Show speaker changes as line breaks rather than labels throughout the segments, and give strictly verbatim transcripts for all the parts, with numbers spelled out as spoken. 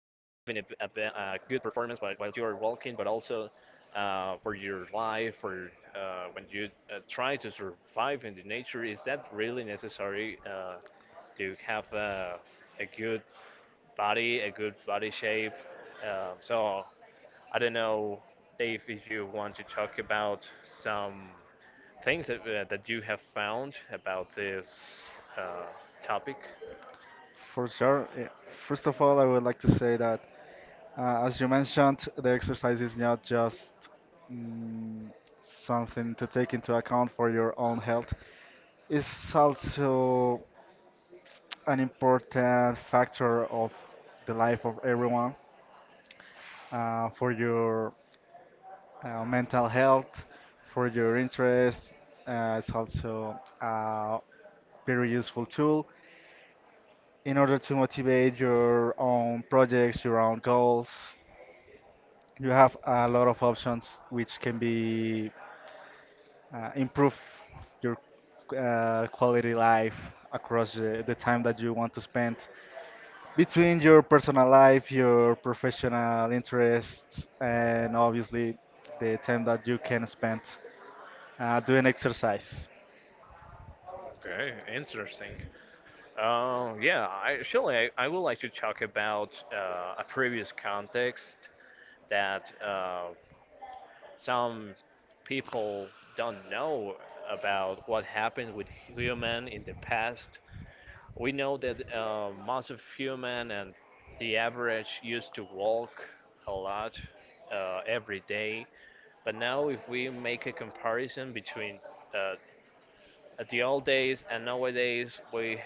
b- a good performance while, while you are walking, but also uh, for your life, for uh, when you uh, try to survive in the nature, is that really necessary uh, to have uh, a good body, a good body shape? Um, so I don't know, Dave, if you want to talk about some things that, uh, that you have found about this uh, topic.
For sure. Yeah. First of all, I would like to say that, uh, as you mentioned, the exercise is not just mm, something to take into account for your own health. It's also an important factor of the life of everyone, uh, for your uh, mental health, for your interest. Uh, it's also a very useful tool in order to motivate your own projects, your own goals. You have a lot of options which can be uh, improve your uh, quality life across the, the time that you want to spend between your personal life, your professional interests, and obviously the time that you can spend uh, doing exercise.
Okay, interesting. Uh, yeah, I, surely I, I would like to talk about uh, a previous context that uh, some people don't know about what happened with human in the past. We know that uh, most of human and the average used to walk a lot uh, every day, but now if we make a comparison between uh, at the old days and nowadays, we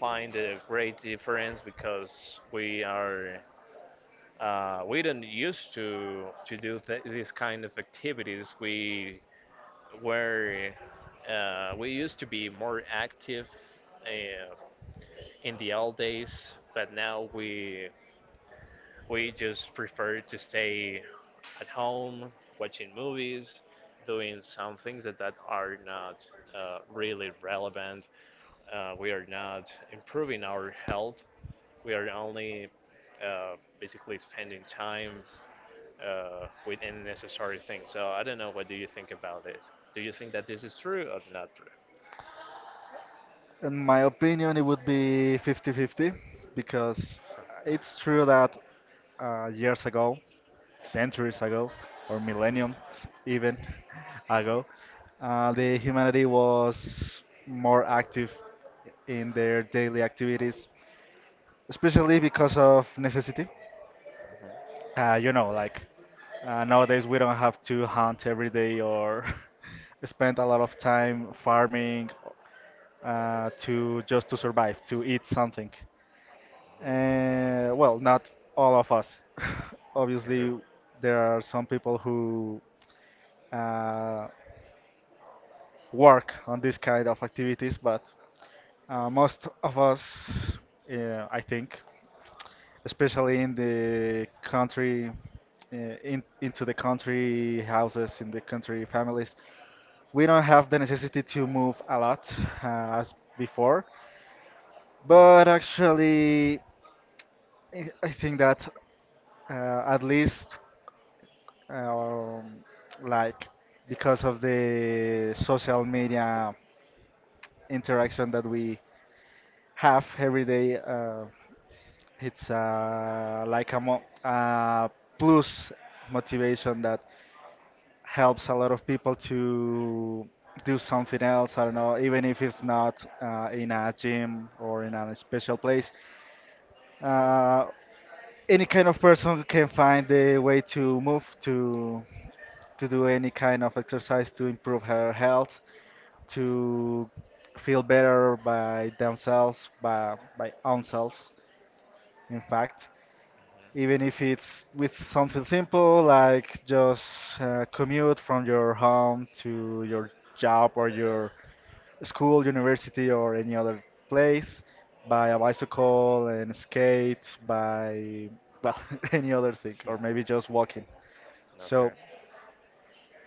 find a great difference because we are uh, we don't used to to do th- these kind of activities. We were uh, we used to be more active uh, in the old days, but now we we just prefer to stay at home watching movies, doing some things that, that are not uh, really relevant Uh, we are not improving our health. We are only uh, basically spending time uh, with unnecessary things. So I don't know. What do you think about this? Do you think that this is true or not true?
In my opinion, it would be fifty-fifty,
Huh.
because
It's
it's true that uh, years ago, centuries ago, or millenniums even ago, uh, the humanity was more active in their daily activities, especially because of necessity. Uh, you know, like uh, nowadays we don't have to hunt every day or spend a lot of time farming uh, to just to survive, to eat something. Uh, well, not all of us.
true.
Obviously, there are some people who uh, work on this kind of activities, but uh, most of us, uh, I think especially in the country, uh, in, into the country houses, in the country families. We don't have the necessity to move a lot uh, as before, but actually, I I think that uh, at least, um, like, because of the social media interaction that we have every day, uh, it's uh, like a mo- uh, plus motivation that helps a lot of people to do something else. I don't know, even if it's not uh, in a gym or in a special place. Uh, any kind of person can find a way to move to to do any kind of exercise to improve her health, to feel better by themselves, by by own selves, in fact. Even
Uh-huh.
if it's with something simple
Mhm.
like just uh, commute from your
Mhm.
home to your job or your school, university, or any other place by a bicycle and skate, by well, any other thing,
Mhm.
or maybe just walking.
Mhm. Hmm.
So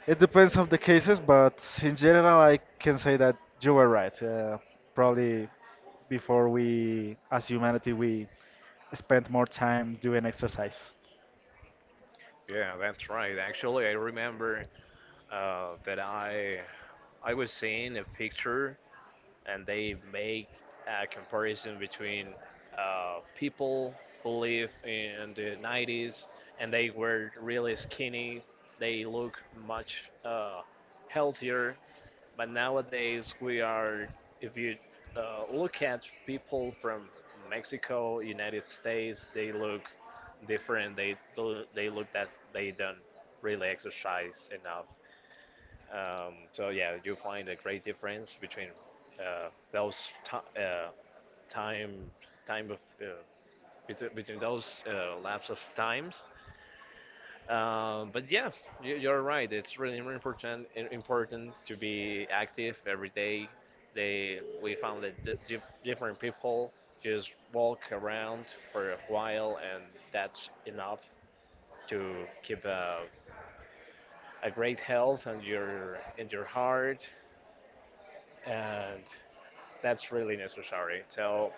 it depends on the cases, but in general, I can say that you were right. Uh,
Okay.
probably before we, as humanity, we spent more time doing exercise.
Yeah, that's right. Actually, I remember uh, that I I was seeing a picture and they make a comparison between uh, people who live in the nineties and they were really skinny. They look much uh, healthier. But nowadays, we are, if you uh, look at people from Mexico, United States, they look different. They, do- they look that they don't really exercise enough. Um, so yeah, you find a great difference between uh, those ti uh, time time of uh, between, between those uh, lapse of times. Um, but yeah, you, you're right. It's really really important i- important to be active every day. They we found that di di different people just walk around for a while, and that's enough to keep a, a great health and your in your heart and that's really necessary. So,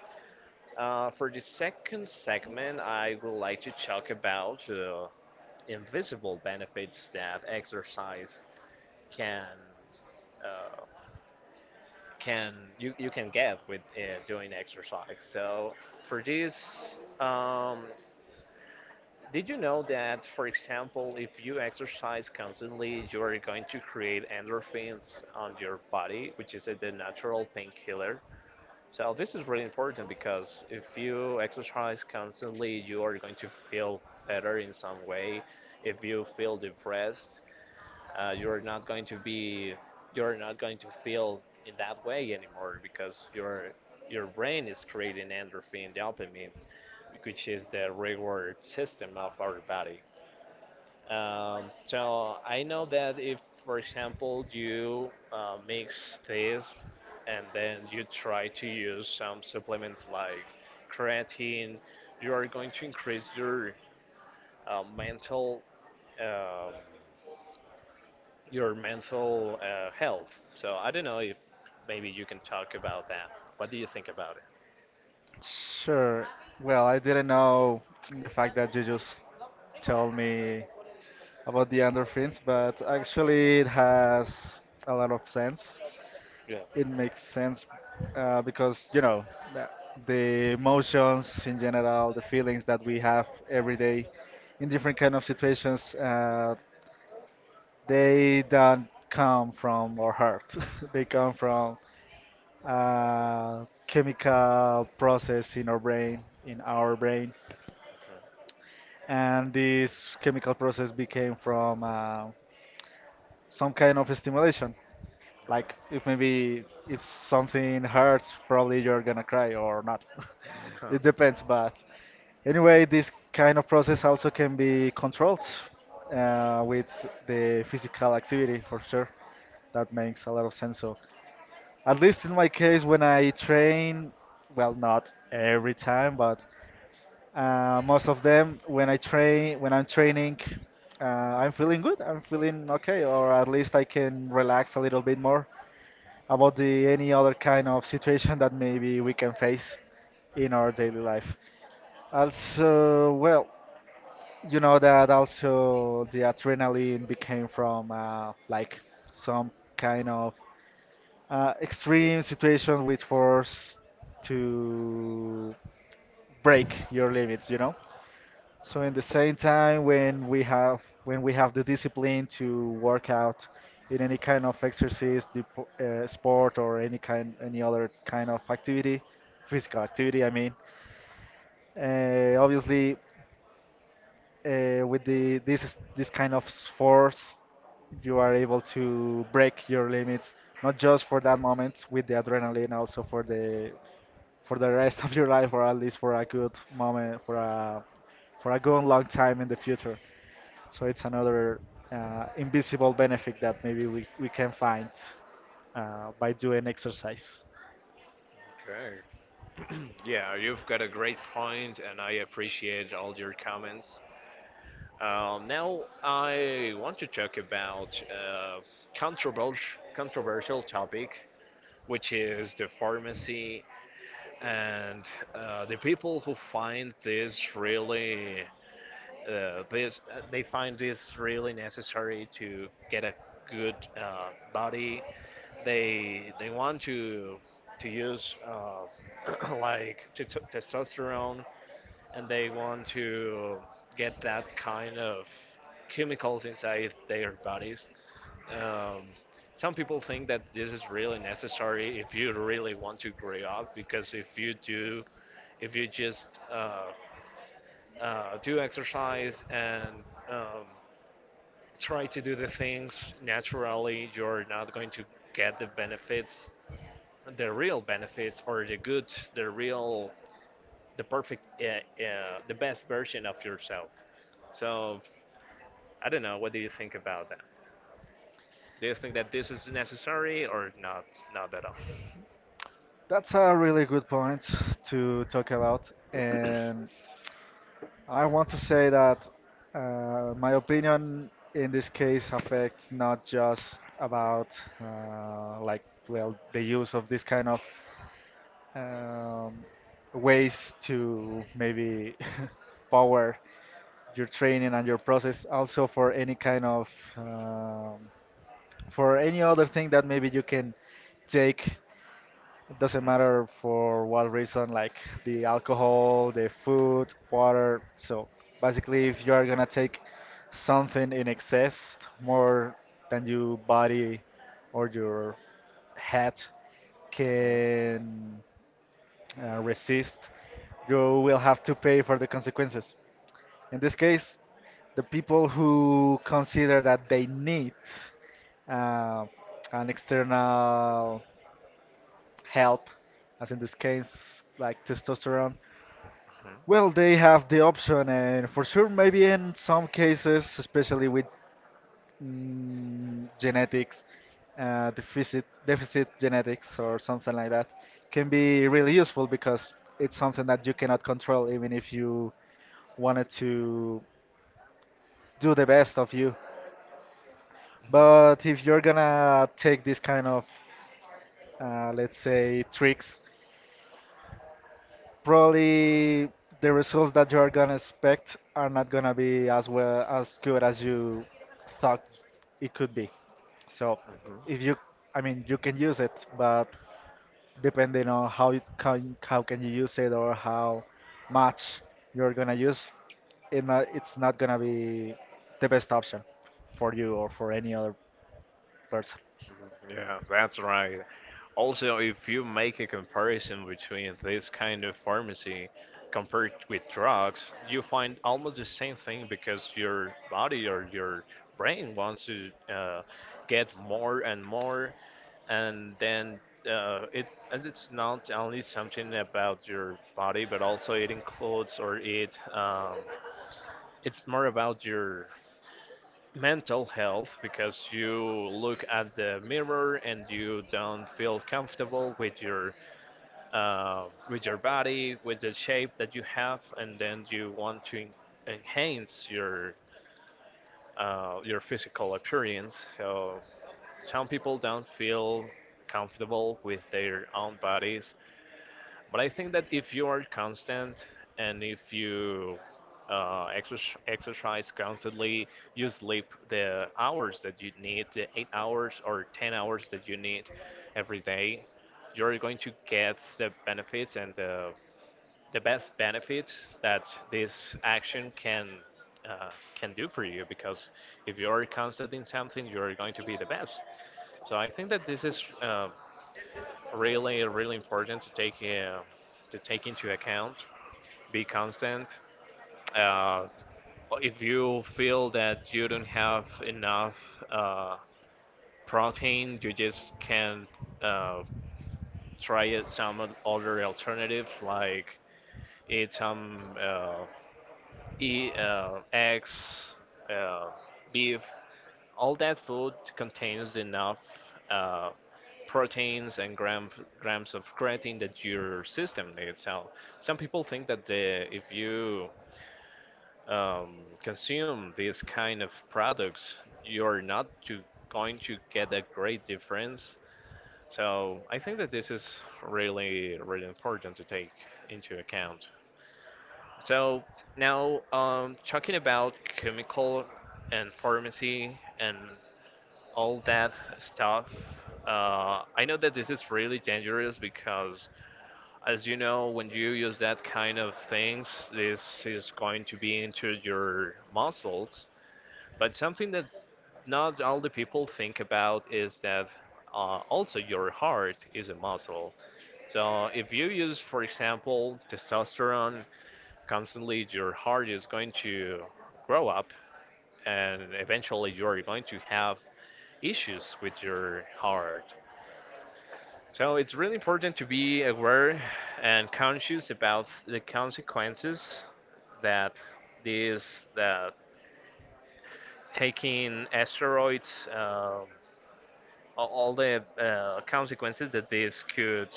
uh, for the second segment, I would like to talk about uh, invisible benefits that exercise can uh, can you, you can get with uh, doing exercise. So, for this, um, did you know that, for example, if you exercise constantly, you are going to create endorphins on your body, which is the natural painkiller. So this is really important because if you exercise constantly, you are going to feel better in some way. If you feel depressed, uh, you're not going to be, you're not going to feel in that way anymore because your your brain is creating endorphin, dopamine, which is the reward system of our body. Um, so I know that if, for example, you uh, mix this and then you try to use some supplements like creatine, you are going to increase your uh, mental um, your mental uh, health. So I don't know if maybe you can talk about that. What do you think about it?
Sure. Well, I didn't know the fact that you just told me about the endorphins, but actually it has a lot of sense.
Yeah.
It makes sense uh, because, you know, the, the emotions in general, the feelings that we have every day in different kind of situations, uh, they don't come from our heart. They come from a chemical process in our brain, in our brain and this chemical process became from uh, some kind of stimulation. Like if maybe if something hurts, probably you're gonna cry or not. It
Okay. Mhm.
depends,
Huh.
but anyway, this kind of process also can be controlled uh, with the physical activity for sure. That makes a lot of sense. So at least in my case, when I train, well, not every time, but Uh, most of them, when I train, when I'm training, uh, I'm feeling good. I'm feeling okay, or at least I can relax a little bit more about the any other kind of situation that maybe we can face in our daily life. Also, well, you know that also the adrenaline became from uh, like some kind of uh, extreme situation which force to break your limits, you know? So in the same time, when we have when we have the discipline to work out in any kind of exercise, dep- uh, sport, or any kind any other kind of activity, physical activity, I mean, uh, obviously uh, with the this is- this kind of force, you are able to break your limits, not just for that moment with the adrenaline, also for the for the rest of your life, or at least for a good moment, for a for a good long time in the future. So it's another uh, invisible benefit that maybe we, we can find uh, by doing exercise.
Okay. Yeah, you've got a great point, and I appreciate all your comments. Um, now, I want to talk about a controversial, controversial topic, which is the pharmacy and uh, the people who find this really uh, this uh, they find this really necessary to get a good uh, body. They they want to to use uh, like t- t- testosterone and they want to get that kind of chemicals inside their bodies. Um, some people think that this is really necessary if you really want to grow up because if you do if you just uh, uh, do exercise and um, try to do the things naturally, you're not going to get the benefits, the real benefits, or the good the real the perfect, uh, uh, the best version of yourself. So I don't know, what do you think about that? Do you think that this is necessary or not? Not at all.
That's a really good point to talk about. And I want to say that uh, my opinion in this case affects not just about uh, like, well, the use of this kind of um, ways to maybe power your training and your process also for any kind of um, for any other thing that maybe you can take, it doesn't matter for what reason, like the alcohol, the food, water. So basically, if you are gonna take something in excess more than your body or your
Cats, mhm.
head can uh, resist, you will have to pay for the consequences. In this case, the people who consider that they need uh, an external help, as in this case, like testosterone, well, they have the option, and for sure, maybe in some cases, especially with mm, genetics, uh, deficit deficit genetics or something like that, can be really useful because it's something that you cannot control, even if you wanted to do the best of you. But if you're gonna take this kind of, uh, let's say, tricks probably the results that you are gonna expect are not gonna be as well as good as you thought it could be. So if you, I mean, you can use it, but depending on how you can, how can you use it or how much you're gonna use, it not, it's not gonna be the best option for you or for any other person.
Yeah, that's right. Also, if you make a comparison between this kind of pharmacy compared with drugs, you find almost the same thing because your body or your brain wants to uh, get more and more, and then uh, it and it's not only something about your body, but also it includes, or it um, it's more about your mental health because you look at the mirror and you don't feel comfortable with your uh, with your body, with the shape that you have, and then you want to en- enhance your uh, your physical appearance. So some people don't feel comfortable with their own bodies, but I think that if you are constant and if you uh, exer- exercise constantly, you sleep the hours that you need, the eight hours or ten hours that you need every day, you're going to get the benefits and the, the best benefits that this action can. Uh, can do for you because if you're constant in something, you're going to be the best. So I think that this is uh, really really important to take uh, to take into account, be constant. uh, if you feel that you don't have enough uh, protein, you just can uh, try it some oth- other alternatives like eat some uh, eat, uh, eggs, uh, beef. All that food contains enough uh, proteins and gram, grams of creatine that your system needs. So some people think that the, if you um, consume these kind of products, you're not to, going to get a great difference. So I think that this is really, really important to take into account. So now, um, talking about chemical and pharmacy and all that stuff. Uh, I know that this is really dangerous because, as you know, when you use that kind of things, this is going to be into your muscles. But something that not all the people think about is that uh, also your heart is a muscle. So if you use, for example, testosterone constantly, your heart is going to grow up and eventually you are going to have issues with your heart. So it's really important to be aware and conscious about the consequences that these that taking asteroids, um, a- all the uh, consequences that this could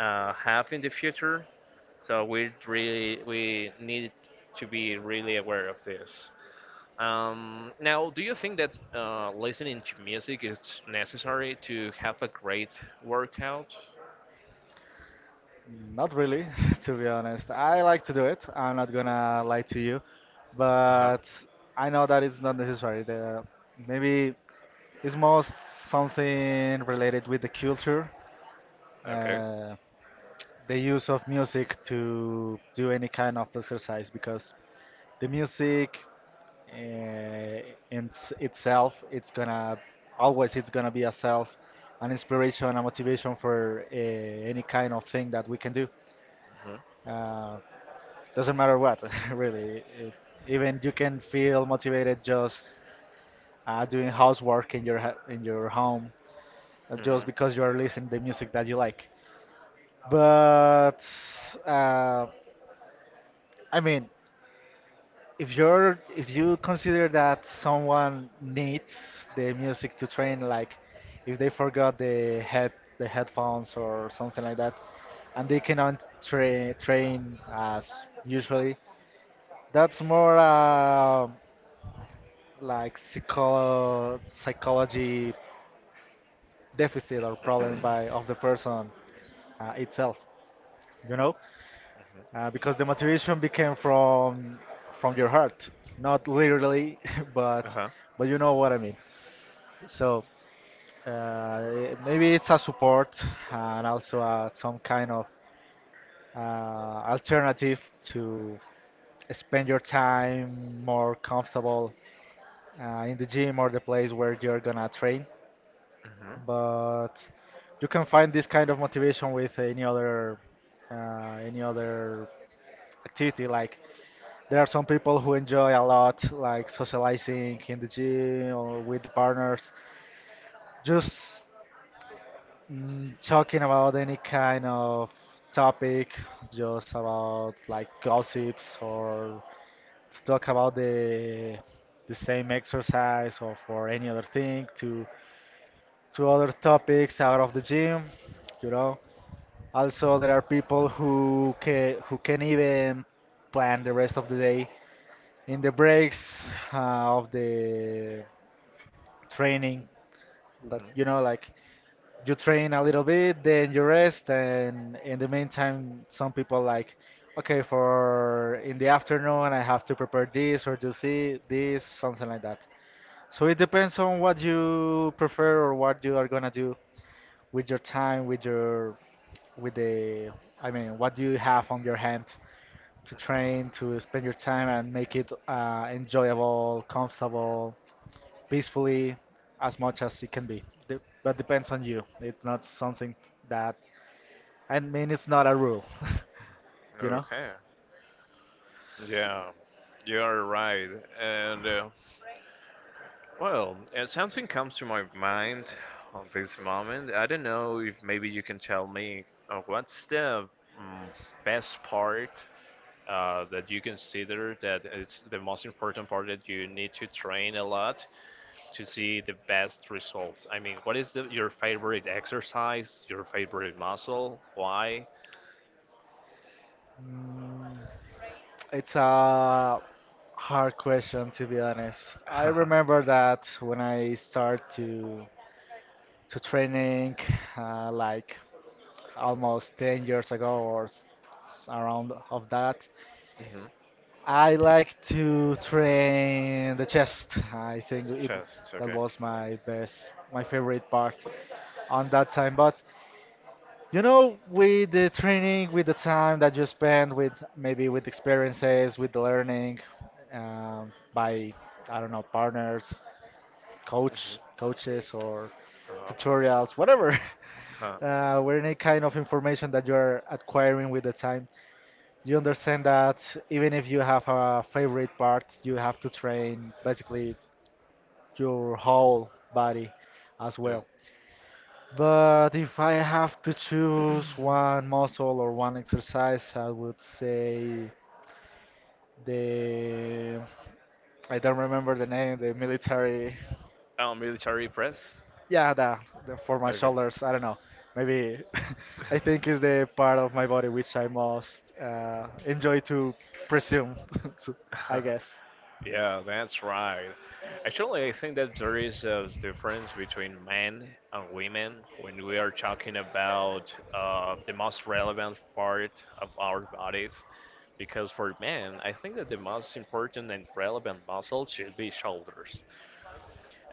uh, have in the future. So we really we need to be really aware of this. Um, now, do you think that uh, listening to music is necessary to have a great workout?
Not really, to be honest. I like to do it. I'm not gonna lie to you,
Uh huh.
but I know that it's not necessary. The, maybe it's most something related with the culture,
Okay.
uh, the use of music to do any kind of exercise, because the music uh, in s- itself, it's gonna always it's gonna be a self, an inspiration, a motivation for uh, any kind of thing that we can do.
Mhm,
Uh, doesn't matter what, really. If, even you can feel motivated just uh, doing housework in your ha- in your home, uh, just
mhm,
because you are listening the music that you like. But uh, I mean, if you're if you consider that someone needs the music to train, like if they forgot the head the headphones or something like that, and they cannot tra- train as usually. That's more uh, like psycho psychology deficit or problem by of the person uh, itself, you know, uh, because the
mhm.
motivation became from from your heart, not literally,
Uh
but
huh.
but you know what I mean. So uh, maybe it's a support and also uh, some kind of uh, alternative to spend your time more comfortable uh, in the gym or the place where you're gonna train.
Mhm,
But you can find this kind of motivation with any other uh, any other activity. Like there are some people who enjoy a lot like socializing in the gym or with the partners, just mm, talking about any kind of topic, just about like gossips or to talk about the the same exercise or for any other thing to to other topics out of the gym, you know. Also, there are people who can who can even plan the rest of the day in the breaks uh, of the training. That
mhm,
you know, like you train a little bit, then you rest, and in the meantime, some people like, okay, for in the afternoon I have to prepare this or do thi- this, something like that. So it depends on what you prefer or what you are gonna do with your time, with your with the, I mean, what do you have on your hand to train, to
mhm.
spend your time and make it uh, enjoyable, comfortable, peacefully, as much as it can be. De- but depends on you. It's not something that, I mean, it's not a rule, you know?
Okay. Yeah, you are right. And uh, well, uh, something comes to my mind on this moment. I don't know if maybe you can tell me uh, what's the mm, best part uh, that you consider that it's the most important part that you need to train a lot to see the best results. I mean, what is the, your favorite exercise, your favorite muscle, why?
Mm, it's a hard question to be honest. I remember that when I started to to training uh, like almost ten years ago or s- s- around of that,
Mhm.
I like to train the chest. I think it
Chest,
that
okay.
was my best, my favorite part on that time. But you know, with the training, with the time that you spend with maybe with experiences, with the learning, um, by I don't know partners, coach, coaches, or
Mhm.
tutorials,
Uh-huh.
whatever.
Huh.
Uh, or any kind of information that you're acquiring with the time, you understand that even if you have a favorite part, you have to train basically your whole body as
Yeah.
well. But if I have to choose one muscle or one exercise, I would say the I don't remember the name, the military.
Oh, military press.
Yeah, the, the for my
Okay.
shoulders. I don't know. Maybe I think is the part of my body which I most uh, enjoy to presume. So, I guess.
Yeah, that's right. Actually, I think that there is a difference between men and women when we are talking about uh, the most relevant part of our bodies. Because for men, I think that the most important and relevant muscle should be shoulders.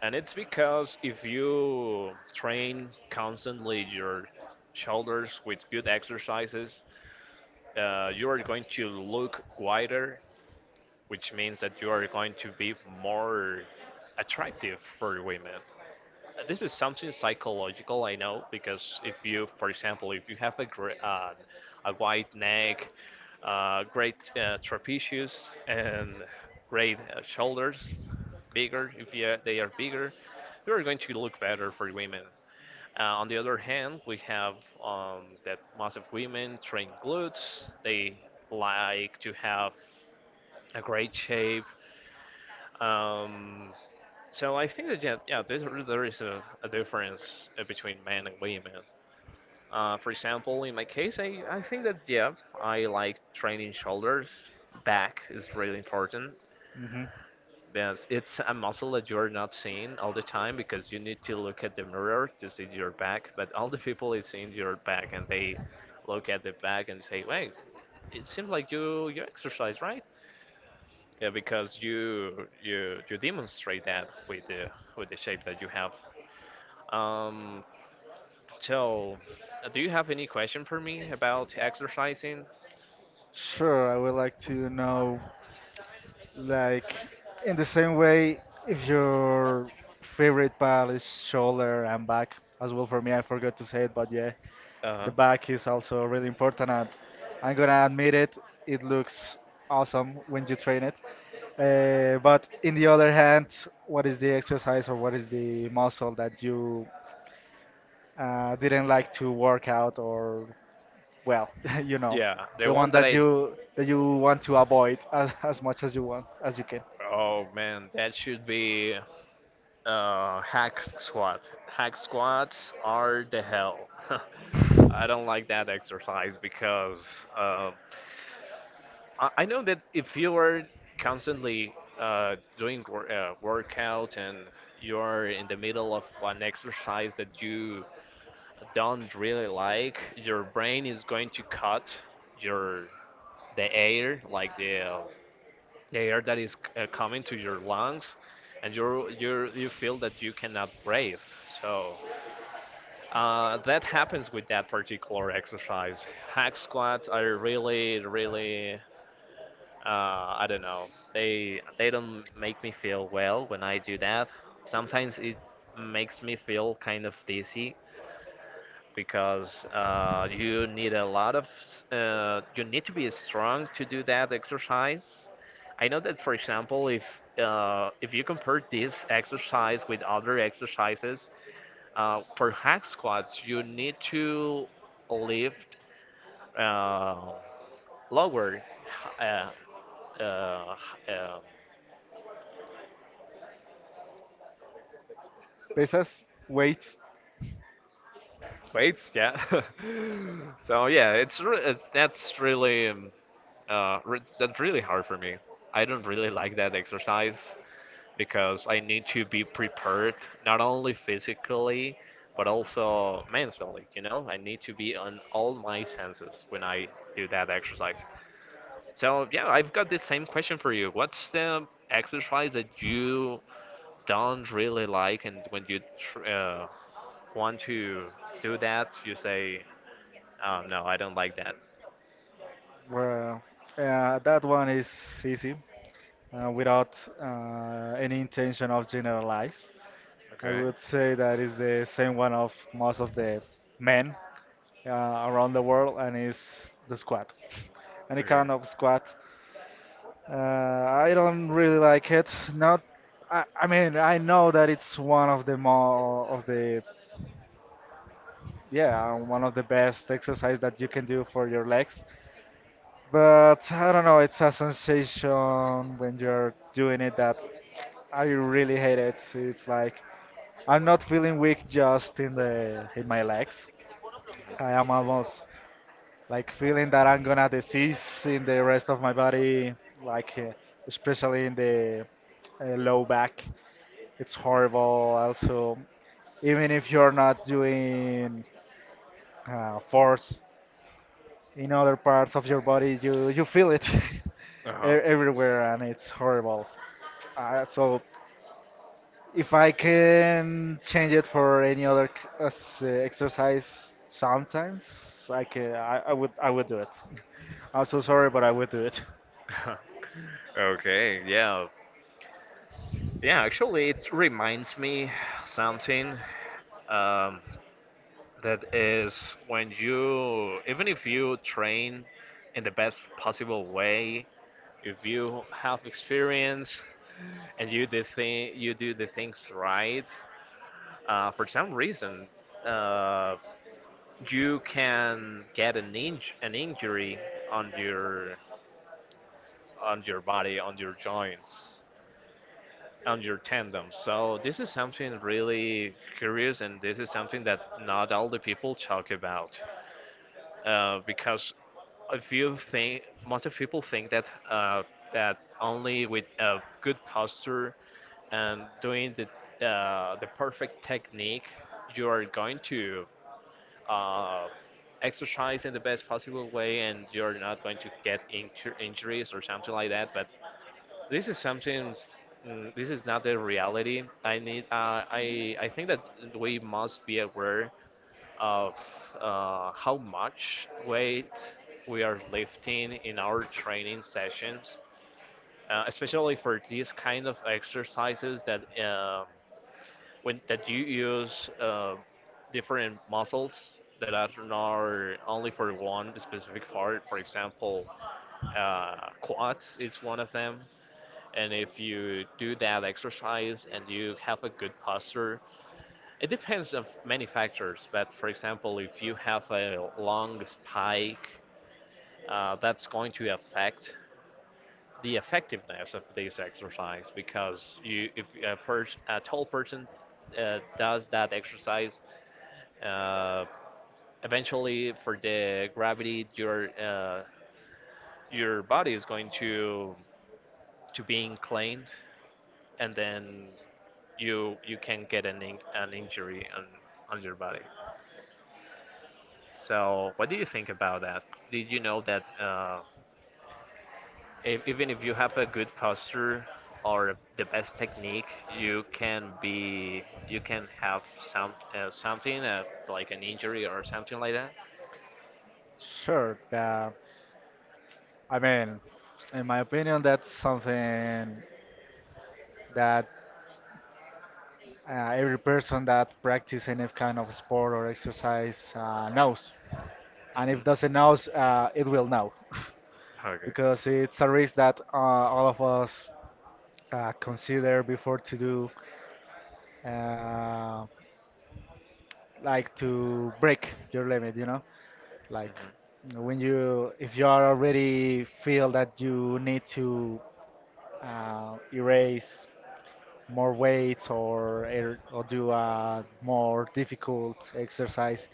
And it's because if you train constantly your shoulders with good exercises, uh, you are going to look wider, which means that you are going to be more attractive for women. Uh, This is something psychological, I know, because if you, for example, if you have a gr uh, a wide neck, uh, great uh, trapezius, and great uh, shoulders, bigger, if you, they are bigger, you are going to look better for women. Uh, on the other hand, we have um, that most of women train glutes. They like to have a great shape. Um, so I think that yeah, yeah there's, there is a, a difference uh, between men and women. Uh, for example, in my case, I, I think that yeah, I like training shoulders. Back is really important.
Hmm.
But it's a muscle that you're not seeing all the time because you need to look at the mirror to see your back. But all the people is seeing your back and they look at the back and say, "Wait, it seems like you you exercise, right?" Yeah, because you you you demonstrate that with the with the shape that you have. Um, so, uh, do you have any question for me about exercising?
Sure, I would like to know, like, in the same way, if your favorite pal is shoulder and back, as well for me, I forgot to say it, but yeah, the
Uh-huh.
back is also really important, and I'm gonna admit it, it looks awesome when you train it. Uh, but in the other hand, what is the exercise or what is the muscle that you uh, didn't like to work out or well, you know,
Yeah, the
the
one
one
that
that
I.
you that you want to avoid as, as much as you want as you can.
Oh man, that should be Uh, Hack squat. Hack squats are the hell. I don't like that exercise because um, I I know that if you are constantly uh, doing wor- uh, workout and you're in the middle of an exercise that you don't really like, your brain is going to cut your the air, like the um, the air that is uh, coming to your lungs and you you you feel that you cannot breathe, so uh, that happens with that particular exercise. Hack squats are really, really uh, I don't know, they they don't make me feel well when I do that. Sometimes it makes me feel kind of dizzy because uh, you need a lot of s- uh, you need to be strong to do that exercise. I know that, for example, if uh, if you compare this exercise with other exercises, uh, for hack squats you need to lift uh, lower h- uh, uh, h- um,
Pesas, weights,
weights, yeah. So yeah, it's, re- it's that's really um, uh, re- that's really hard for me. I don't really like that exercise because I need to be prepared not only physically but also mentally. You know, I need to be on all my senses when I do that exercise. So yeah, I've got the same question for you. What's the exercise that you don't really like, and when you tr- uh, want to do that, you say um, no, I don't like that.
well, uh, that one is easy uh, without uh, any intention of generalize. I
Okay.
would say that is the same one of most of the men uh, around the world, and is the squat. Any
Okay.
kind of squat, uh, I don't really like it. Not, I, I mean, I know that it's one of the more of the yeah, um, one of the best exercise that you can do for your legs. But I don't know, it's a sensation when you're doing it that I really hate it. It's like I'm not feeling weak just in the in my legs. I am almost like feeling that I'm gonna disease in the rest of my body, like uh, especially in the uh, low back. It's horrible. Also, even if you're not doing uh, force in other parts of your body you you feel it
Mhm. Uh huh.
e- everywhere and it's horrible, uh, so if I can change it for any other c- as, uh, exercise, sometimes I can I, I would I would do it. I'm so sorry but I would do it.
Okay. Yeah. Yeah. Actually, it reminds me something. Um, That is when you, even if you train in the best possible way, if you have experience and you do, thi- you do the things right, uh, for some reason, uh, you can get an, inj- an injury on your on your body, on your joints, on your tendons. So this is something really curious, and this is something that not all the people talk about, uh, because if you think, most of people think that uh, that only with a good posture and doing the uh, the perfect technique you are going to uh, exercise in the best possible way and you're not going to get inju- injuries or something like that. But this is something, mm, this is not the reality. I need uh, i i think that we must be aware of uh, how much weight we are lifting in our training sessions, uh, especially for these kind of exercises that um, when that you use uh, different muscles that are not only for one specific part. For example, uh, quads is one of them. And if you do that exercise and you have a good posture, it depends of many factors, but for example, if you have a long spike, uh, that's going to affect the effectiveness of this exercise because you, if a, pers- a tall person uh, does that exercise, uh, eventually for the gravity, your uh, your body is going to to be inclined, and then you you can get an in- an injury on on your body. So, what do you think about that? Did you know that uh, e- even if you have a good posture or the best technique, you can be, you can have some uh, something uh, like an injury or something like that?
Sure. uh, I mean, in my opinion that's something that uh, every person that practice any kind of sport or exercise uh, knows, and if doesn't
Hmm.
know, uh, it will know.
Okay.
Because it's a risk that uh, all of us uh, consider before to do, uh, like to break your limit, you know, like
Hmm.
when you, if you are already feel that you need to uh, erase more weights or er- or do a more difficult exercise,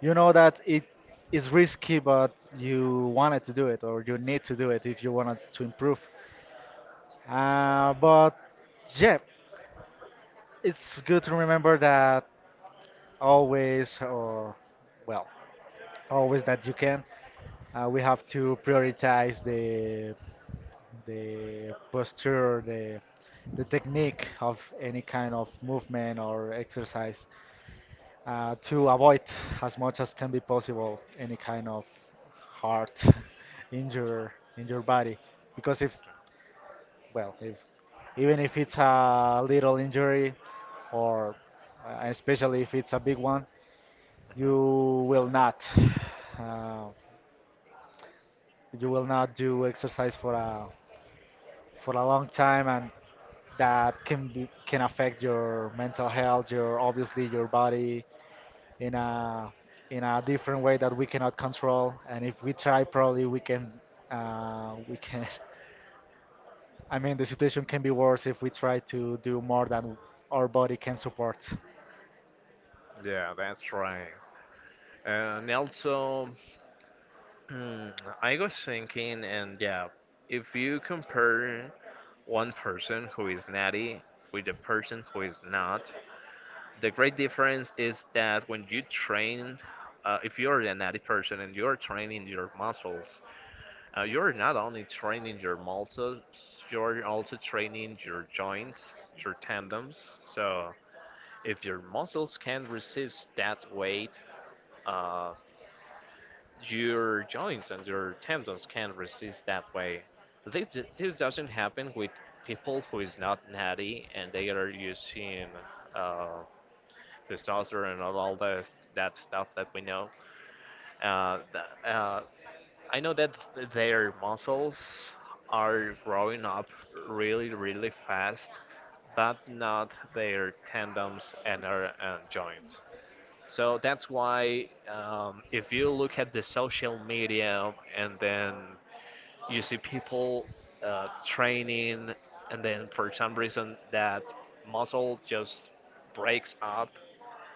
you know that it is risky, but you wanted to do it or you need to do it if you wanted to improve. Uh, but yeah, it's good to remember that always, or well, always that you can. Uh, we have to prioritize the the posture, the the technique of any kind of movement or exercise uh, to avoid as much as can be possible any kind of heart injury in your body. Because if, well, if even if it's a little injury, or uh, especially if it's a big one,
Mhm.
you will
Mhm.
not uh, you will not do exercise for a for a long time, and that can be, can affect your mental health, your obviously your body in a in a different way that we cannot control, and if we try probably we can uh, we can. I mean, the situation can be worse if we try to do more than our body can support.
Yeah, that's right. And also, hmm, I was thinking, and yeah, if you compare one person who is natty with the person who is not, the great difference is that when you train, uh, if you're a natty person and you're training your muscles, uh, you're not only training your muscles, you're also training your joints, your tendons. So if your muscles can resist that weight, uh, your joints and your tendons can't resist that way. This, this doesn't happen with people who is not natty and they are using uh, testosterone and all that that stuff that we know. Uh, th- uh, I know that their muscles are growing up really, really fast, but not their tendons and, our, and joints. So that's why um, if you look at the social media and then you see people uh, training and then for some reason that muscle just breaks up,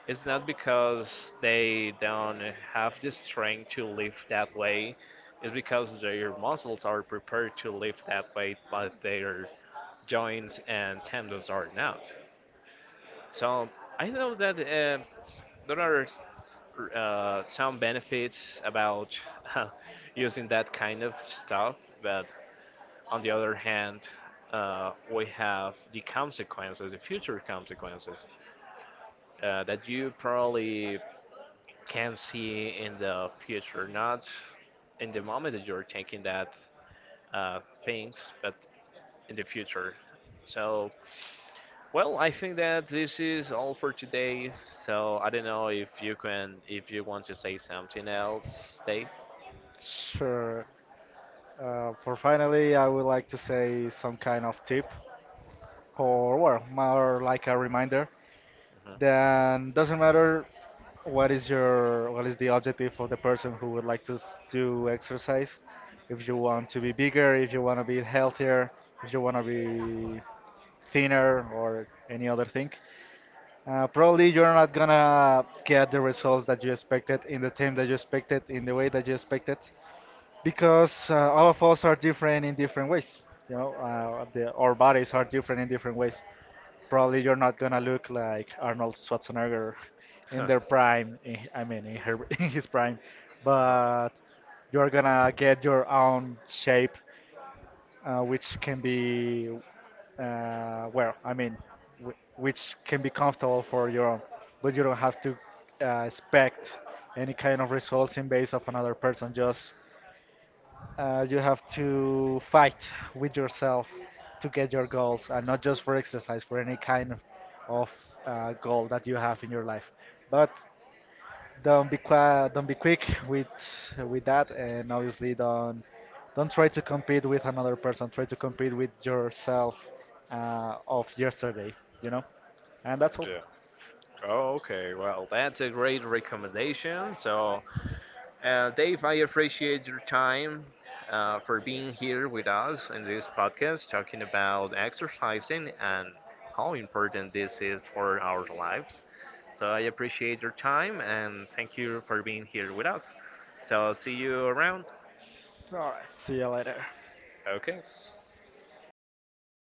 it's not because they don't have the strength to lift that way. It's because their muscles are prepared to lift that weight, but their joints and tendons are not. So I know that uh, there are r- uh, some benefits about using that kind of stuff, but on the other hand, uh, we have the consequences, the future consequences uh, that you probably can see in the future, not in the moment that you're taking that uh, things, but in the future. So, well, I think that this is all for today. So I don't know if you can, if you want to say something else, Dave.
Sure. Uh, for finally, I would like to say some kind of tip, or well, more like a reminder.
Mhm.
Then doesn't matter what is your what is the objective of the person who would like to s- do exercise. If you want to be bigger, if you want to be healthier, if you want to be thinner or any other thing, uh, probably you're not gonna get the results that you expected in the time that you expected in the way that you expected, because uh, all of us are different in different ways. You know, uh, the, our bodies are different in different ways. Probably you're not gonna look like Arnold Schwarzenegger in
Huh.
their prime. in- I mean, in, her, in his prime,
Uh-huh.
but you're gonna get your own shape, uh, which can be uh, well, I mean, w which can be comfortable for your own, but you don't have to uh, expect any kind of results in base of another person. Just uh, you have to fight with yourself to get your goals, and not just for exercise, for any kind of, of uh, goal that you have in your life. But don't be qua don't be quick with with that, and obviously don't don't try to compete with another person. Try to compete with yourself uh, of yesterday, you know. And that's all.
Yeah, cool. Oh, okay. Well, that's a great recommendation. So, uh, Dave, I appreciate your time uh, for being here with us in this podcast, talking about exercising and how important this is for our lives. So, I appreciate your time and thank you for being here with us. So, see you around.
All right. See you later.
Okay.